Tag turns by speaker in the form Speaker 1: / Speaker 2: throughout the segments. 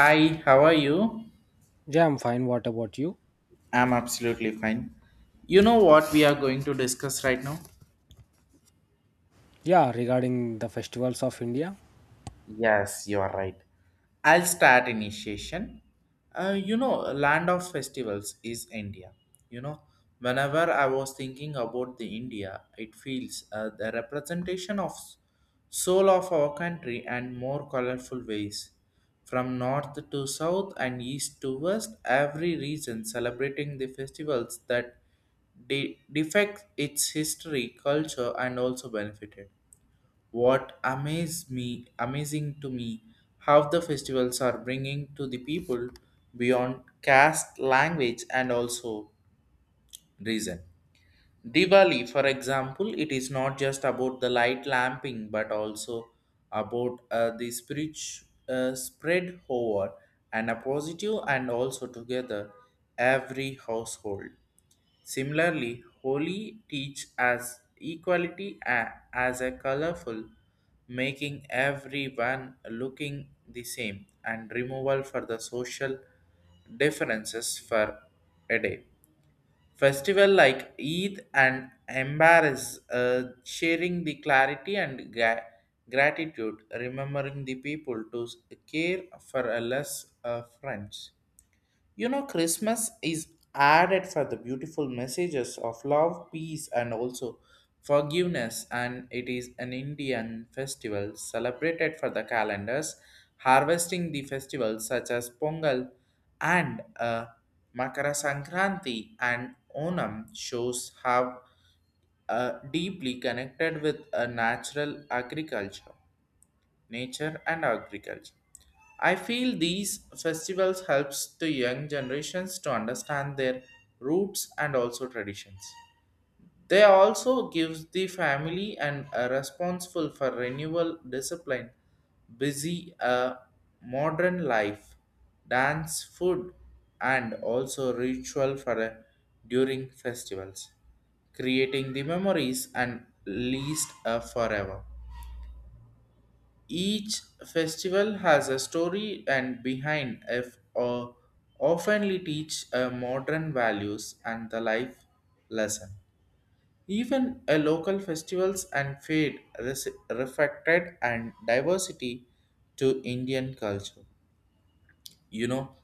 Speaker 1: Hi, how are you?
Speaker 2: Yeah, I'm fine. What about you?
Speaker 1: I'm absolutely fine. You know what we are going to discuss right now?
Speaker 2: Yeah, regarding the festivals of India.
Speaker 1: Yes, you are right. I'll start initiation. Land of festivals is India. You know, Whenever I was thinking about the India, it feels the representation of soul of our country and more colorful ways. From north to south and east to west, every region celebrating the festivals that defect its history, culture, and also benefited what amazed me amazing to me how the festivals are bringing to the people beyond caste language and also reason diwali for example it is not just about the light lamping but also about the spirit spread over and a positive and also together every household. Similarly, Holi teach as equality as a colorful, making everyone looking the same and removal for the social differences for a day. Festival like Eid and Embarrass sharing the clarity and gratitude, remembering the people to care for a less friends. Christmas is added for the beautiful messages of love, peace, and also forgiveness, and it is an Indian festival celebrated for the calendars, harvesting the festivals such as Pongal and Makara Sankranti and Onam shows how deeply connected with a natural agriculture nature and agriculture. I feel these festivals helps the young generations to understand their roots and also traditions. They also gives the family and are responsible for renewal discipline, busy modern life, dance, food, and also ritual for during festivals, creating the memories and least forever. Each festival has a story and behind if or oftenly teach a modern values and the life lesson. Even a local festivals and fade reflected and diversity to Indian culture. You know,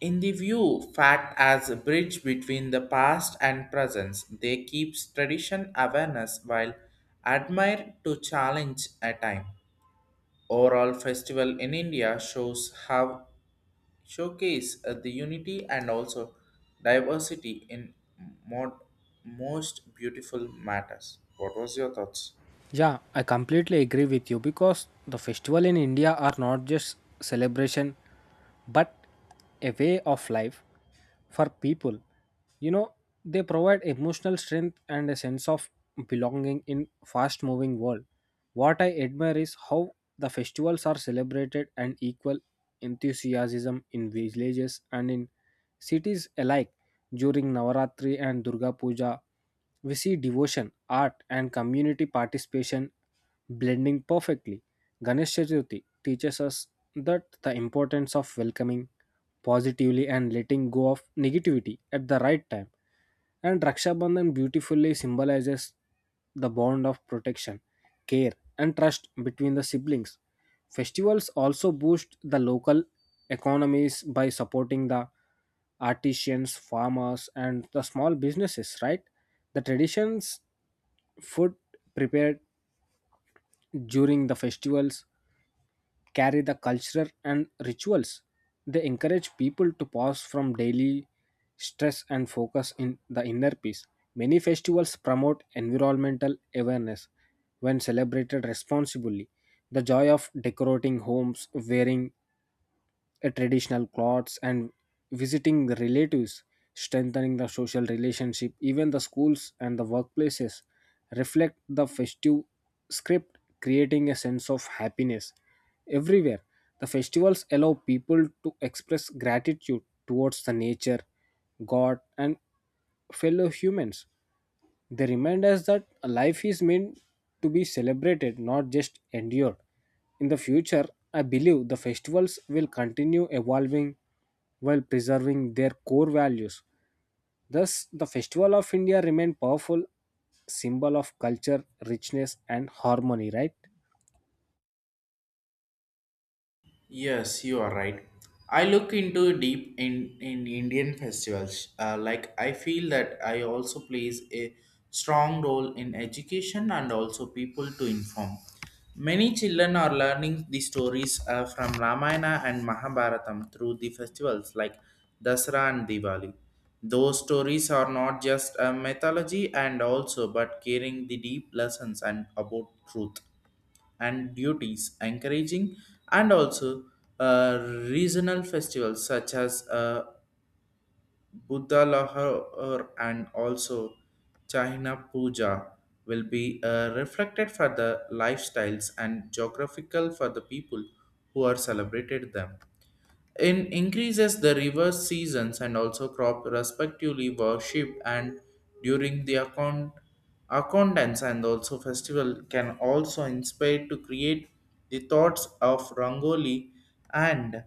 Speaker 1: in the view, fact as a bridge between the past and present, they keeps tradition awareness while admire to challenge a time. Overall festival in India shows how showcase the unity and also diversity in mod- most beautiful matters. What was your thoughts?
Speaker 2: Yeah, I completely agree with you because the festival in India are not just celebration but a way of life for people. You know, they provide emotional strength and a sense of belonging in fast moving world. What I admire is how the festivals are celebrated and equal enthusiasm in villages and in cities alike during Navaratri and Durga Puja we see devotion, art, and community participation blending perfectly. Ganesh Chaturthi teaches us that the importance of welcoming positively and letting go of negativity at the right time. And Raksha Bandhan beautifully symbolizes the bond of protection, care, and trust between the siblings. Festivals also boost the local economies by supporting the artisans, farmers, and the small businesses, right? The traditions food prepared during the festivals carry the culture and rituals. They encourage people to pause from daily stress and focus in the inner peace. Many festivals promote environmental awareness when celebrated responsibly. The joy of decorating homes, wearing traditional clothes and visiting the relatives, strengthening the social relationship. Even the schools and the workplaces reflect the festive script, creating a sense of happiness everywhere. The festivals allow people to express gratitude towards the nature, God, and fellow humans. They remind us that a life is meant to be celebrated, not just endured. In the future, I believe the festivals will continue evolving while preserving their core values. Thus, the Festival of India remain powerful symbol of culture, richness and harmony, right?
Speaker 1: Yes, you are right. I look into deep in Indian festivals. Like I feel that I also plays a strong role in education and also people to inform. Many children are learning the stories from Ramayana and Mahabharatam through the festivals like Dasara and Diwali. Those stories are not just a mythology and also but carrying the deep lessons and about truth and duties, encouraging and also uh, regional festivals such as Buddha Lahore and also China Puja will be reflected for the lifestyles and geographical for the people who are celebrated them. In increases the reverse seasons and also crop respectively worship and during the account accountants and also festival can also inspire to create the thoughts of Rangoli and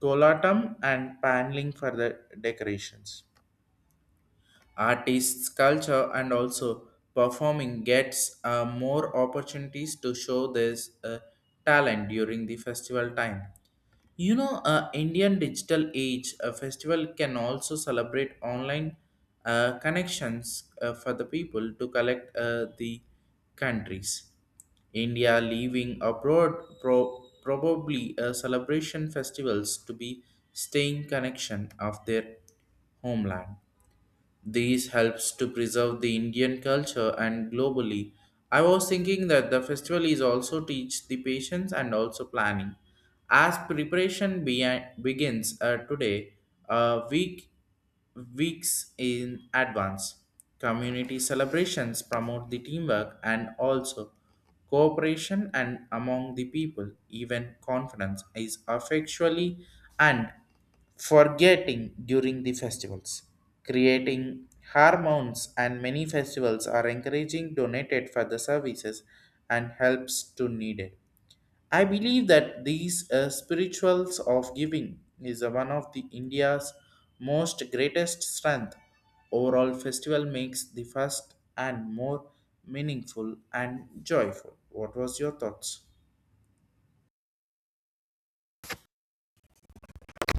Speaker 1: Kolatam and paneling for the decorations. Artists, culture, and also performing gets more opportunities to show their uh, talent during the festival time. Indian digital age a festival can also celebrate online connections for the people to collect the countries. India leaving abroad probably celebration festivals to be staying connection of their homeland. These helps to preserve the Indian culture and globally. I was thinking that the festival is also teach the patience and also planning. As preparation begins today, a week weeks in advance. Community celebrations promote the teamwork and also cooperation and among the people. Even confidence is affectually and forgetting during the festivals, creating hormones and many festivals are encouraging donated for the services and helps to needed. I believe that these spirituals of giving is one of the India's most greatest strength. Overall festival makes the first and more meaningful and joyful. What was your thoughts?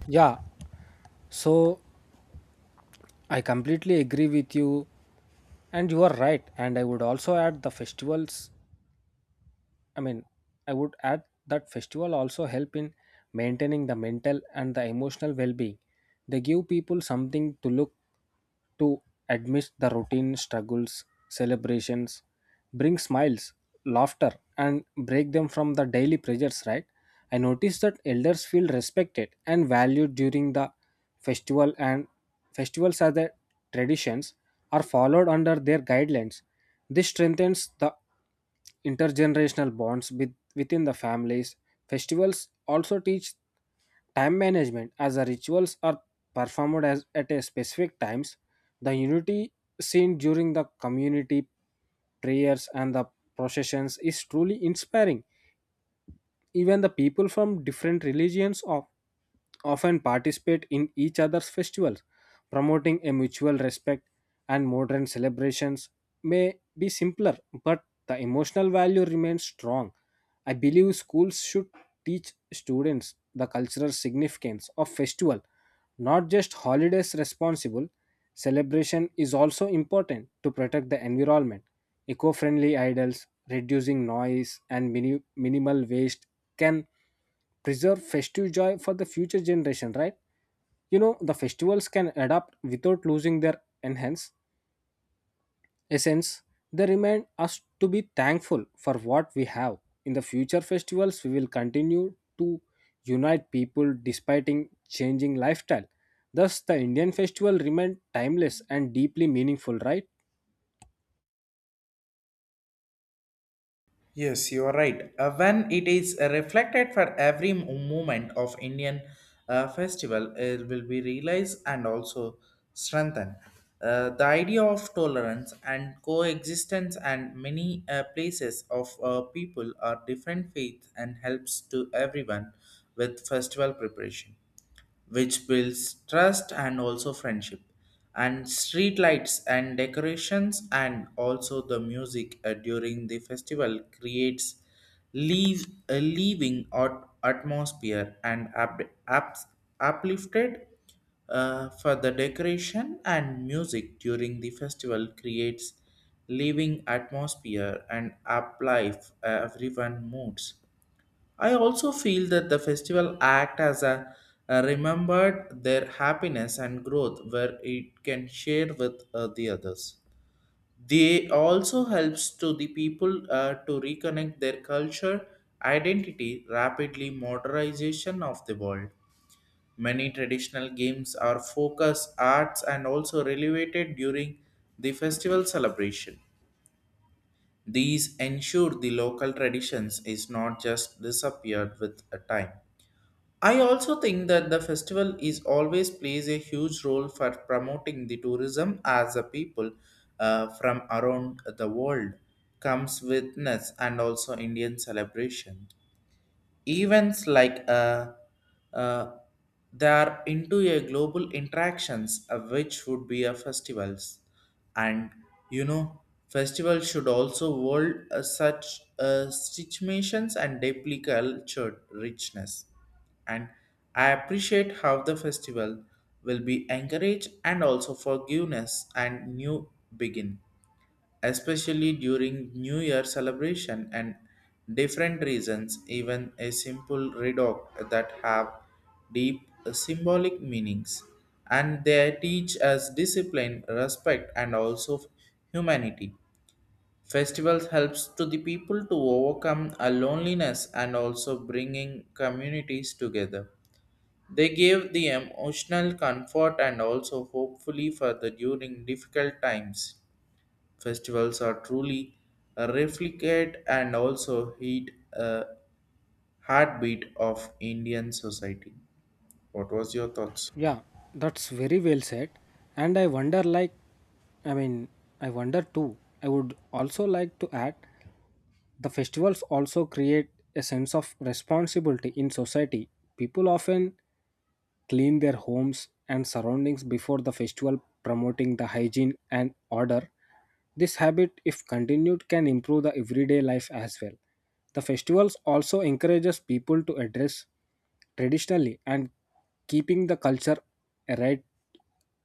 Speaker 2: Yeah, so I completely agree with you, and you are right. And I would also add the festivals I mean, I would add that festival also help in maintaining the mental and the emotional well-being. They give people something to look to amidst the routine struggles, celebrations, bring smiles, laughter, and break them from the daily pressures, right? I noticed that elders feel respected and valued during the festival and festivals as the traditions are followed under their guidelines. This strengthens the intergenerational bonds with, within the families. Festivals also teach time management as the rituals are performed as, at a specific times. The unity seen during the community prayers and the processions is truly inspiring. Even the people from different religions of, often participate in each other's festivals, promoting a mutual respect and modern celebrations may be simpler, but the emotional value remains strong. I believe schools should teach students the cultural significance of festival not just holidays responsible celebration is also important to protect the environment eco-friendly idols reducing noise and minimal waste can preserve festive joy for the future generation, right? You know, the festivals can adapt without losing their enhance essence, they remind us to be thankful for what we have. In the future festivals, we will continue to unite people despite in changing lifestyle. Thus, the Indian festival remain timeless and deeply meaningful, right?
Speaker 1: Yes, you are right. When it is reflected for every moment of Indian festival, it will be realized and also strengthened. The idea of tolerance and coexistence and many places of people are different faiths and helps to everyone with festival preparation which builds trust and also friendship. And street lights and decorations and also the music during the festival creates leave a living atmosphere and up, uplifted for the decoration and music during the festival creates living atmosphere and up life everyone moods. I also feel that the festival act as a remembered their happiness and growth where it can share with the others. They also helps to the people to reconnect their culture, identity, rapidly modernization of the world. Many traditional games are focus arts and also relevated during the festival celebration. These ensure the local traditions is not just disappeared with a time. I also think that the festival is always plays a huge role for promoting the tourism as a people from around the world comes witness and also Indian celebration events like uh, they are into a global interactions of which would be a festivals and you know festivals should also hold such situations and deeply cultured richness and I appreciate how the festival will be encourage and also forgiveness and new begin especially during New Year celebration and different reasons, even a simple redoct that have deep symbolic meanings. And they teach us discipline, respect, and also humanity. Festivals helps to the people to overcome a loneliness and also bringing communities together. They give the emotional comfort and also hopefully for the during difficult times festivals are truly a replicate and also heat a heartbeat of Indian society. What was your thoughts?
Speaker 2: Yeah, that's very well said. And I wonder, like, I mean, I wonder too. I would also like to add the festivals also create a sense of responsibility in society. People often clean their homes and surroundings before the festival, promoting the hygiene and order. This habit, if continued, can improve the everyday life as well. The festivals also encourages people to address traditionally and keeping the culture right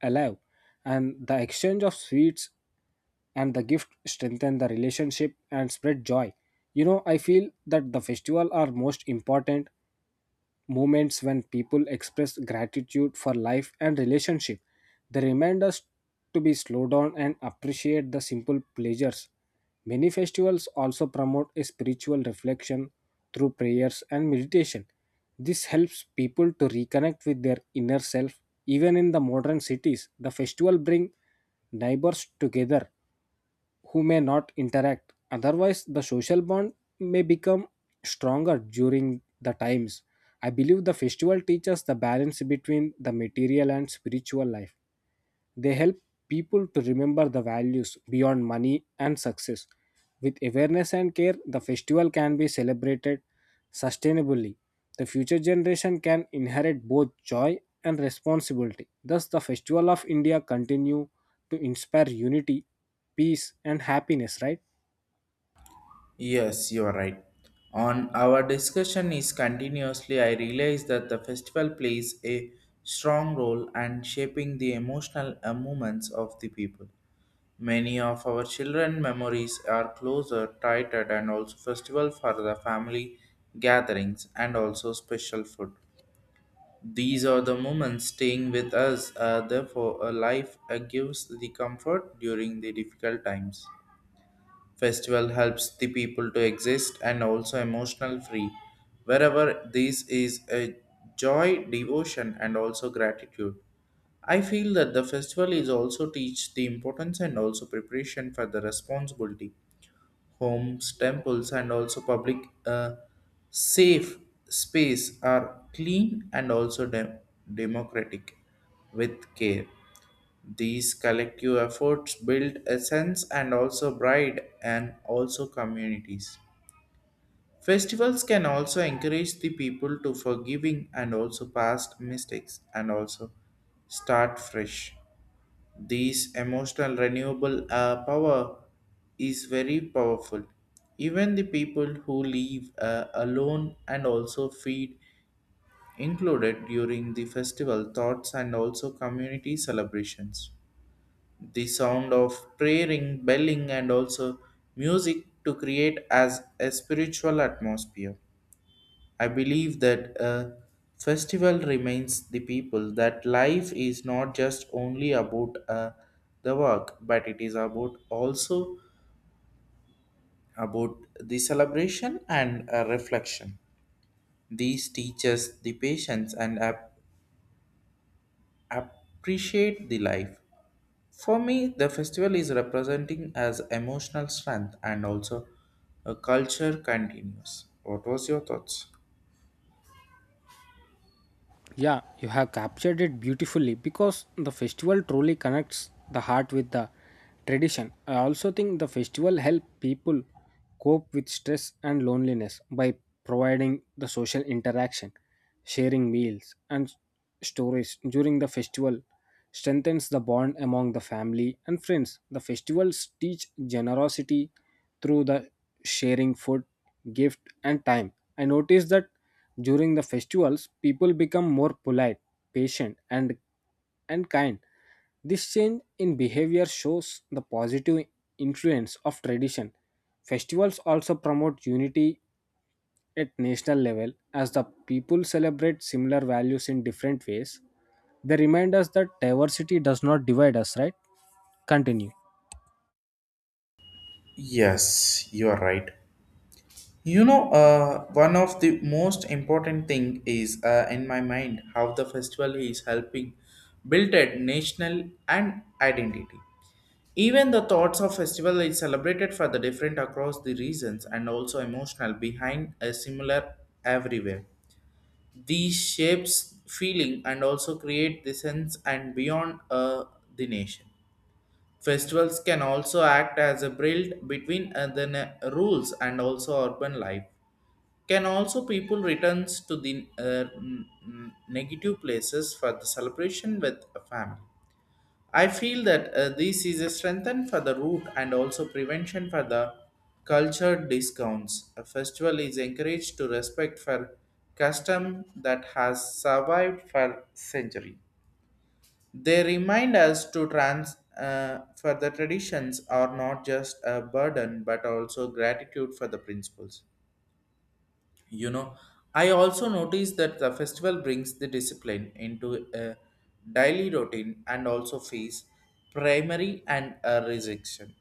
Speaker 2: alive and the exchange of sweets and the gift strengthen the relationship and spread joy. You know, I feel that the festival are most important moments when people express gratitude for life and relationship. They remind us to be slow down and appreciate the simple pleasures. Many festivals also promote a spiritual reflection through prayers and meditation. This helps people to reconnect with their inner self. Even in the modern cities, the festival bring neighbors together who may not interact. Otherwise, the social bond may become stronger during the times. I believe the festival teaches the balance between the material and spiritual life. They help people to remember the values beyond money and success. With awareness and care, the festival can be celebrated sustainably. The future generation can inherit both joy and responsibility. Thus, the festival of India continue to inspire unity, peace, and happiness, right?
Speaker 1: Yes, you are right. On our discussion is continuously, I realize that the festival plays a strong role and shaping the emotional movements of the people. Many of our children memories are closer, tighter, and also festival for the family gatherings and also special food. These are the moments staying with us, therefore, a life gives the comfort during the difficult times. Festival helps the people to exist and also emotional free. Wherever this is a joy, devotion, and also gratitude. I feel that the festival is also teach the importance and also preparation for the responsibility homes, temples, and also public uh, safe space are clean and also democratic with care. These collective efforts build a sense and also pride and also communities. Festivals can also encourage the people to forgiving and also past mistakes and also start fresh. This emotional renewable power is very powerful. Even the people who live alone and also feed included during the festival thoughts and also community celebrations. The sound of praying, belling, and also music to create as a spiritual atmosphere. I believe that a festival reminds the people that life is not just only about the work, but it is about also about the celebration and reflection. These teaches the patience and appreciate the life. For me, the festival is representing as emotional strength and also a culture continues. What was your thoughts?
Speaker 2: Yeah, you have captured it beautifully because the festival truly connects the heart with the tradition. I also think the festival help people cope with stress and loneliness by providing the social interaction, sharing meals, and stories during the festival strengthens the bond among the family and friends. The festivals teach generosity, through the sharing food, gift, and time. I noticed that during the festivals, people become more polite, patient, and kind. This change in behavior shows the positive influence of tradition. Festivals also promote unity at national level as the people celebrate similar values in different ways. They remind us that diversity does not divide us, right? Continue.
Speaker 1: Yes, you are right. One of the most important thing is in my mind how the festival is helping build a national and identity. Even the thoughts of festival is celebrated for the different across the regions and also emotional behind a similar everywhere. These shapes feeling and also create the sense and beyond the nation. Festivals can also act as a bridge between the rules and also urban life can also people returns to the negative places for the celebration with a family. I feel that this is a strengthen for the root and also prevention for the culture discounts. A festival is encouraged to respect for custom that has survived for century. They remind us to trans for the traditions are not just a burden but also gratitude for the principles. you know I also noticed that the festival brings the discipline into a daily routine and also face primary and a rejection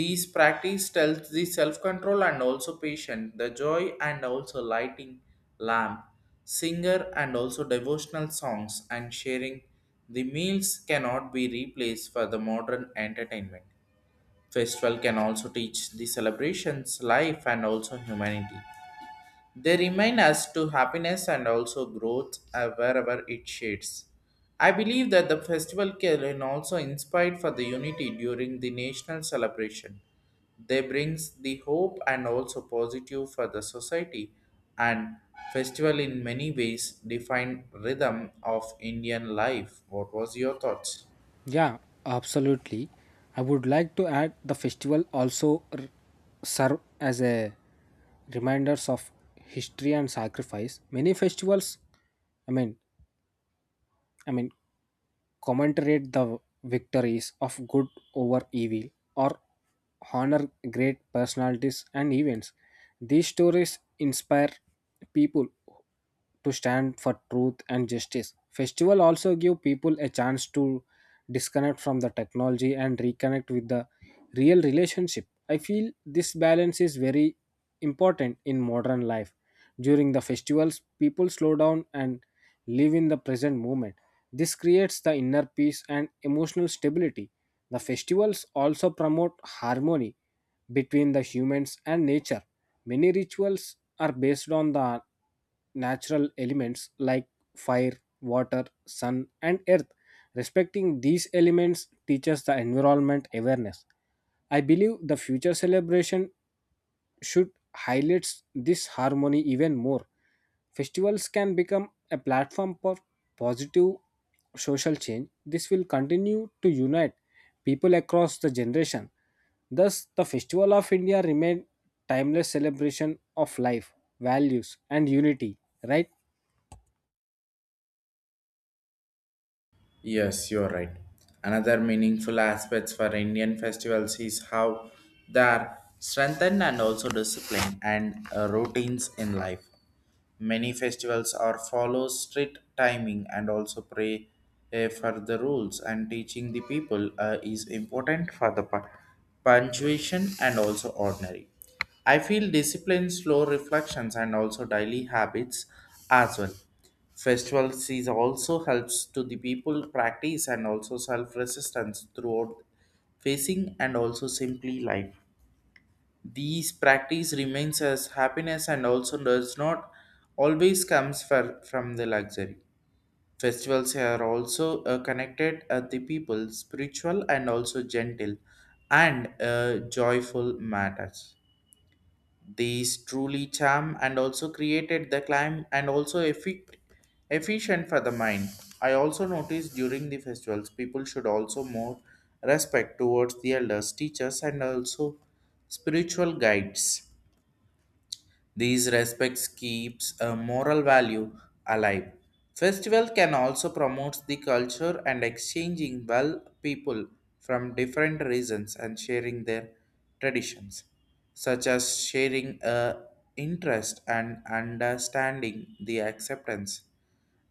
Speaker 1: these practice tells the self-control and also patience the joy and also lighting lamp singer and also devotional songs and sharing the meals cannot be replaced for the modern entertainment festival can also teach the celebrations life and also humanity they remind us to happiness and also growth wherever it shades. I believe that the festival can also inspire for the unity during the national celebration. They brings the hope and also positive for the society and festival in many ways define rhythm of Indian life. What was your thoughts?
Speaker 2: Yeah, absolutely. I would like to add the festival also serve as a reminders of history and sacrifice. Many festivals, I mean, I mean, commemorate the victories of good over evil, or honor great personalities and events. These stories inspire people to stand for truth and justice. Festival also give people a chance to disconnect from the technology and reconnect with the real relationship. I feel this balance is very important in modern life. During the festivals, people slow down and live in the present moment. This creates the inner peace and emotional stability. The festivals also promote harmony between the humans and nature. Many rituals are based on the natural elements like fire, water, sun, and earth. Respecting these elements teaches the environment awareness. I believe the future celebration should highlights this harmony even more. Festivals can become a platform for positive social change. This will continue to unite people across the generation. Thus, the Festival of India remain timeless celebration of life, values, and unity. Right?
Speaker 1: Yes, you're right. Another meaningful aspect for Indian festivals is how they are strengthened and also disciplined and routines in life. Many festivals are follow strict timing and also pray for the rules and teaching the people is important for the punctuation and also ordinary. I feel discipline, slow reflections, and also daily habits as well. Festival season also helps to the people practice and also self resistance throughout facing and also simply life. These practice remains as happiness and also does not always comes for, from the luxury. Festivals are also connected at the people spiritual and also gentle and joyful matters. These truly charm and also created the climb and also efficient for the mind. I also noticed during the festivals people should also more respect towards the elders, teachers and also spiritual guides, these respects keeps a moral value alive. Festival can also promote the culture and exchanging well people from different regions and sharing their traditions, such as sharing a interest and understanding the acceptance.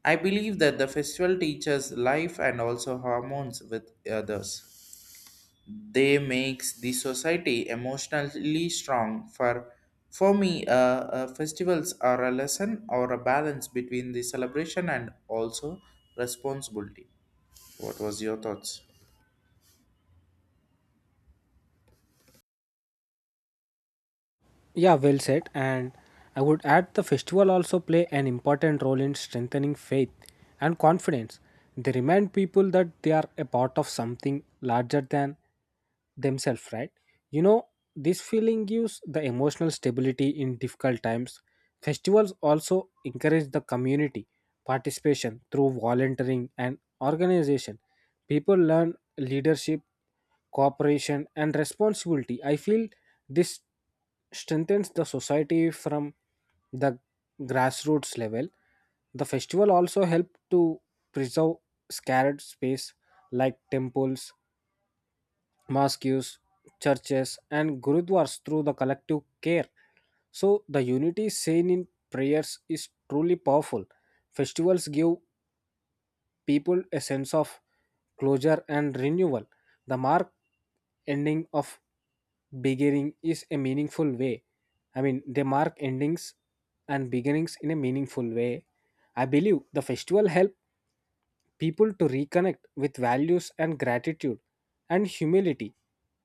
Speaker 1: I believe that the festival teaches life and also hormones with others, they makes the society emotionally strong for for me, festivals are a lesson or a balance between the celebration and also responsibility. What was your thoughts?
Speaker 2: Yeah, well said. And I would add the festival also play an important role in strengthening faith and confidence. They remind people that they are a part of something larger than themselves, right? You know, this feeling gives the emotional stability in difficult times. Festivals also encourage the community participation through volunteering and organization, people learn leadership, cooperation and responsibility. I feel this strengthens the society from the grassroots level. The festival also helped to preserve sacred space like temples, mosques, churches and gurudwaras through the collective care, so the unity seen in prayers is truly powerful. Festivals give people a sense of closure and renewal. The mark ending of beginning is a meaningful way. I mean, they mark endings and beginnings in a meaningful way. I believe the festival help people to reconnect with values and gratitude and humility.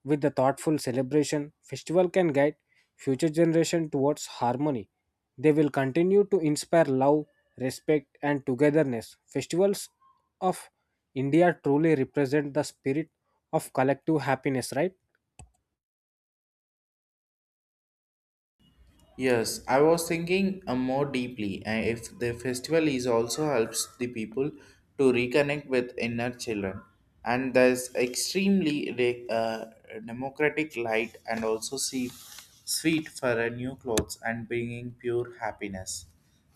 Speaker 2: With the thoughtful celebration, festival can guide future generation towards harmony. They will continue to inspire love, respect and togetherness. Festivals of India truly represent the spirit of collective happiness, right?
Speaker 1: Yes, I was thinking more deeply. And if the festival is also helps the people to reconnect with inner children, and there's extremely democratic light and also see sweet for a new clothes and bringing pure happiness.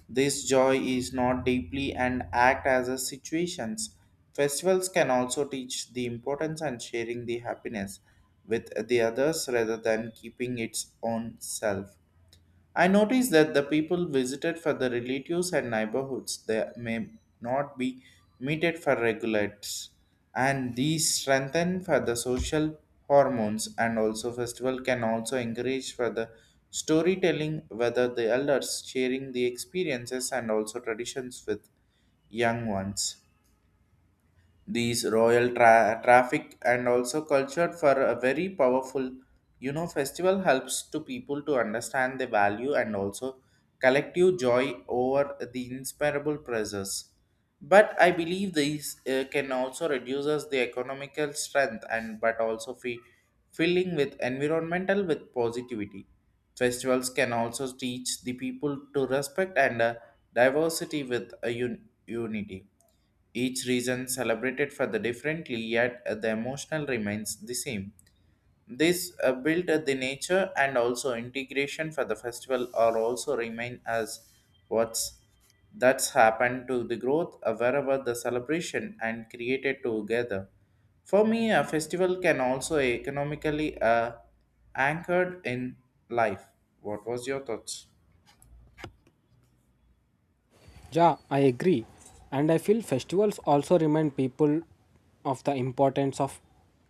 Speaker 1: This joy is not deeply and act as a situations. Festivals can also teach the importance and sharing the happiness with the others rather than keeping its own self. I noticed that the people visited for the relatives and neighborhoods, they may not be meted for regulates, and these strengthen for the social hormones, and also festival can also encourage for the storytelling whether the elders sharing the experiences and also traditions with young ones. These royal traffic and also culture for a very powerful, you know, festival helps to people to understand the value and also collective joy over the inseparable pressures. But I believe these can also reduces the economical strength, and but also filling with environmental with positivity. Festivals can also teach the people to respect and diversity with a unity. Each region celebrated for the differently, yet the emotional remains the same. This build the nature and also integration for the festival are also remain as what's that's happened to the growth wherever the celebration and created together. For me, a festival can also economically anchored in life. What was your thoughts?
Speaker 2: Yeah, I agree. And I feel festivals also remind people of the importance of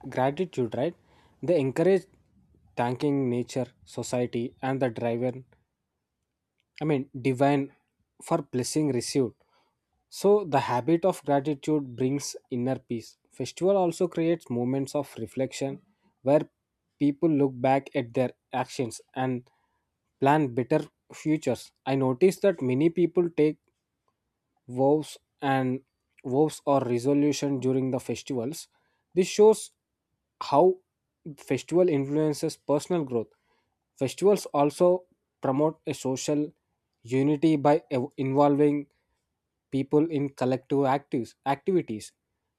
Speaker 2: gratitude, right? They encourage thanking nature, society, and the divine for blessing received. So, the habit of gratitude brings inner peace. Festival also creates moments of reflection where people look back at their actions and plan better futures. I noticed that many people take vows and vows or resolution during the festivals. This shows how festival influences personal growth. Festivals also promote a social unity by involving people in collective activities.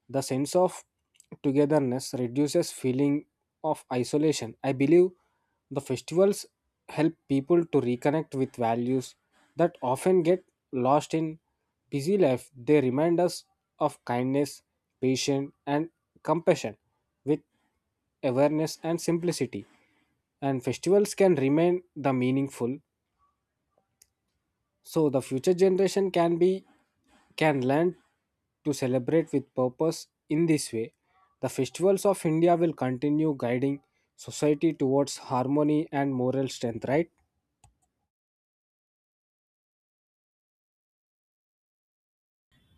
Speaker 2: The sense of togetherness reduces feeling of isolation. I believe the festivals help people to reconnect with values that often get lost in busy life. They remind us of kindness, patience, and compassion. With awareness and simplicity, And festivals can remain the meaningful, so the future generation can learn to celebrate with purpose. In this way, the festivals of India will continue guiding society towards harmony and moral strength, right?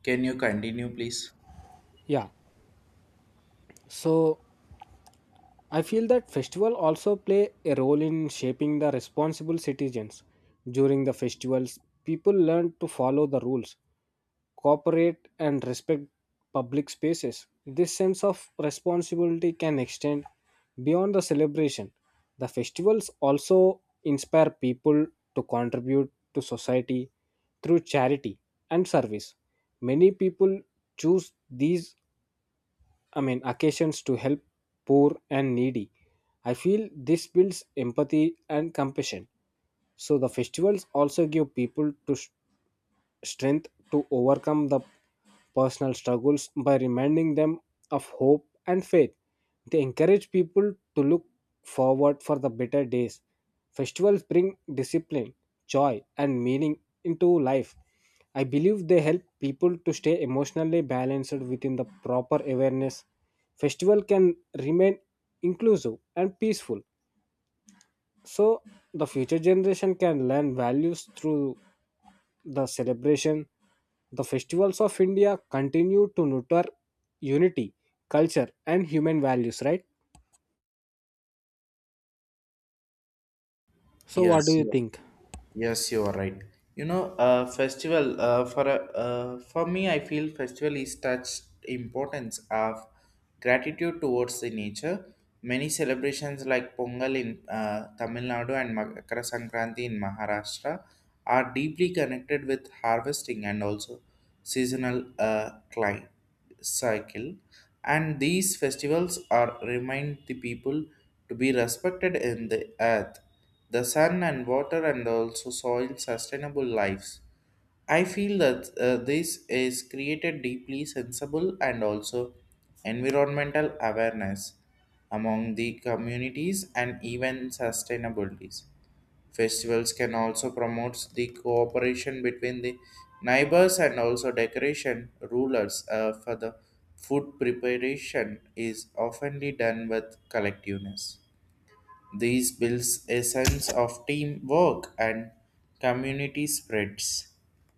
Speaker 1: Can you continue, please?
Speaker 2: Yeah. So I feel that festival also play a role in shaping the responsible citizens. During the festivals, people learn to follow the rules, cooperate and respect public spaces. This sense of responsibility can extend beyond the celebration. The festivals also inspire people to contribute to society through charity and service. Many people choose these occasions to help poor and needy. I feel this builds empathy and compassion. So the festivals also give people to strength to overcome the personal struggles by reminding them of hope and faith. They encourage people to look forward for the better days. Festivals bring discipline, joy, and meaning into life. I believe they help people to stay emotionally balanced within the proper awareness. Festival can remain inclusive and peaceful, so the future generation can learn values through the celebration, the festivals of India continue to nurture unity, culture, and human values, right? So, what do
Speaker 1: Yes.
Speaker 2: you think?
Speaker 1: Yes, you are right. You know, festival for a for me, I feel festival is touched importance of gratitude towards the nature. Many celebrations like Pongal in Tamil Nadu and Makara Sankranti in Maharashtra are deeply connected with harvesting and also seasonal climate cycle. And these festivals are remind the people to be respected in the earth, the sun and water and also soil sustainable lives. I feel that this is created deeply sensible and also environmental awareness among the communities and even sustainabilities. Festivals can also promote the cooperation between the neighbors and also decoration rulers for the food preparation is often done with collectiveness. These builds a sense of teamwork and community spreads.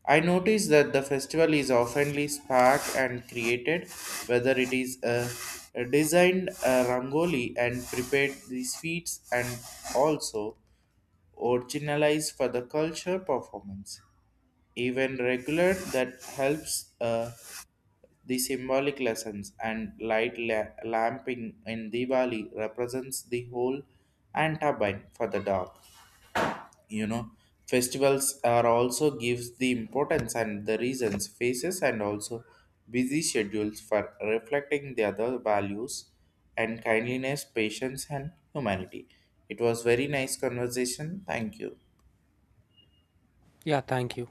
Speaker 1: I notice that the festival is oftenly sparked and created, whether it is a designed a rangoli and prepared the sweets and also originalized for the culture performance. Even regular that helps. The symbolic lessons and light lamping in Diwali represents the whole and turbine for the dark. You know, festivals are also gives the importance and the reasons faces and also busy schedules for reflecting the other values and kindliness, patience and humanity. It was very nice conversation. Thank you.
Speaker 2: Yeah, thank you.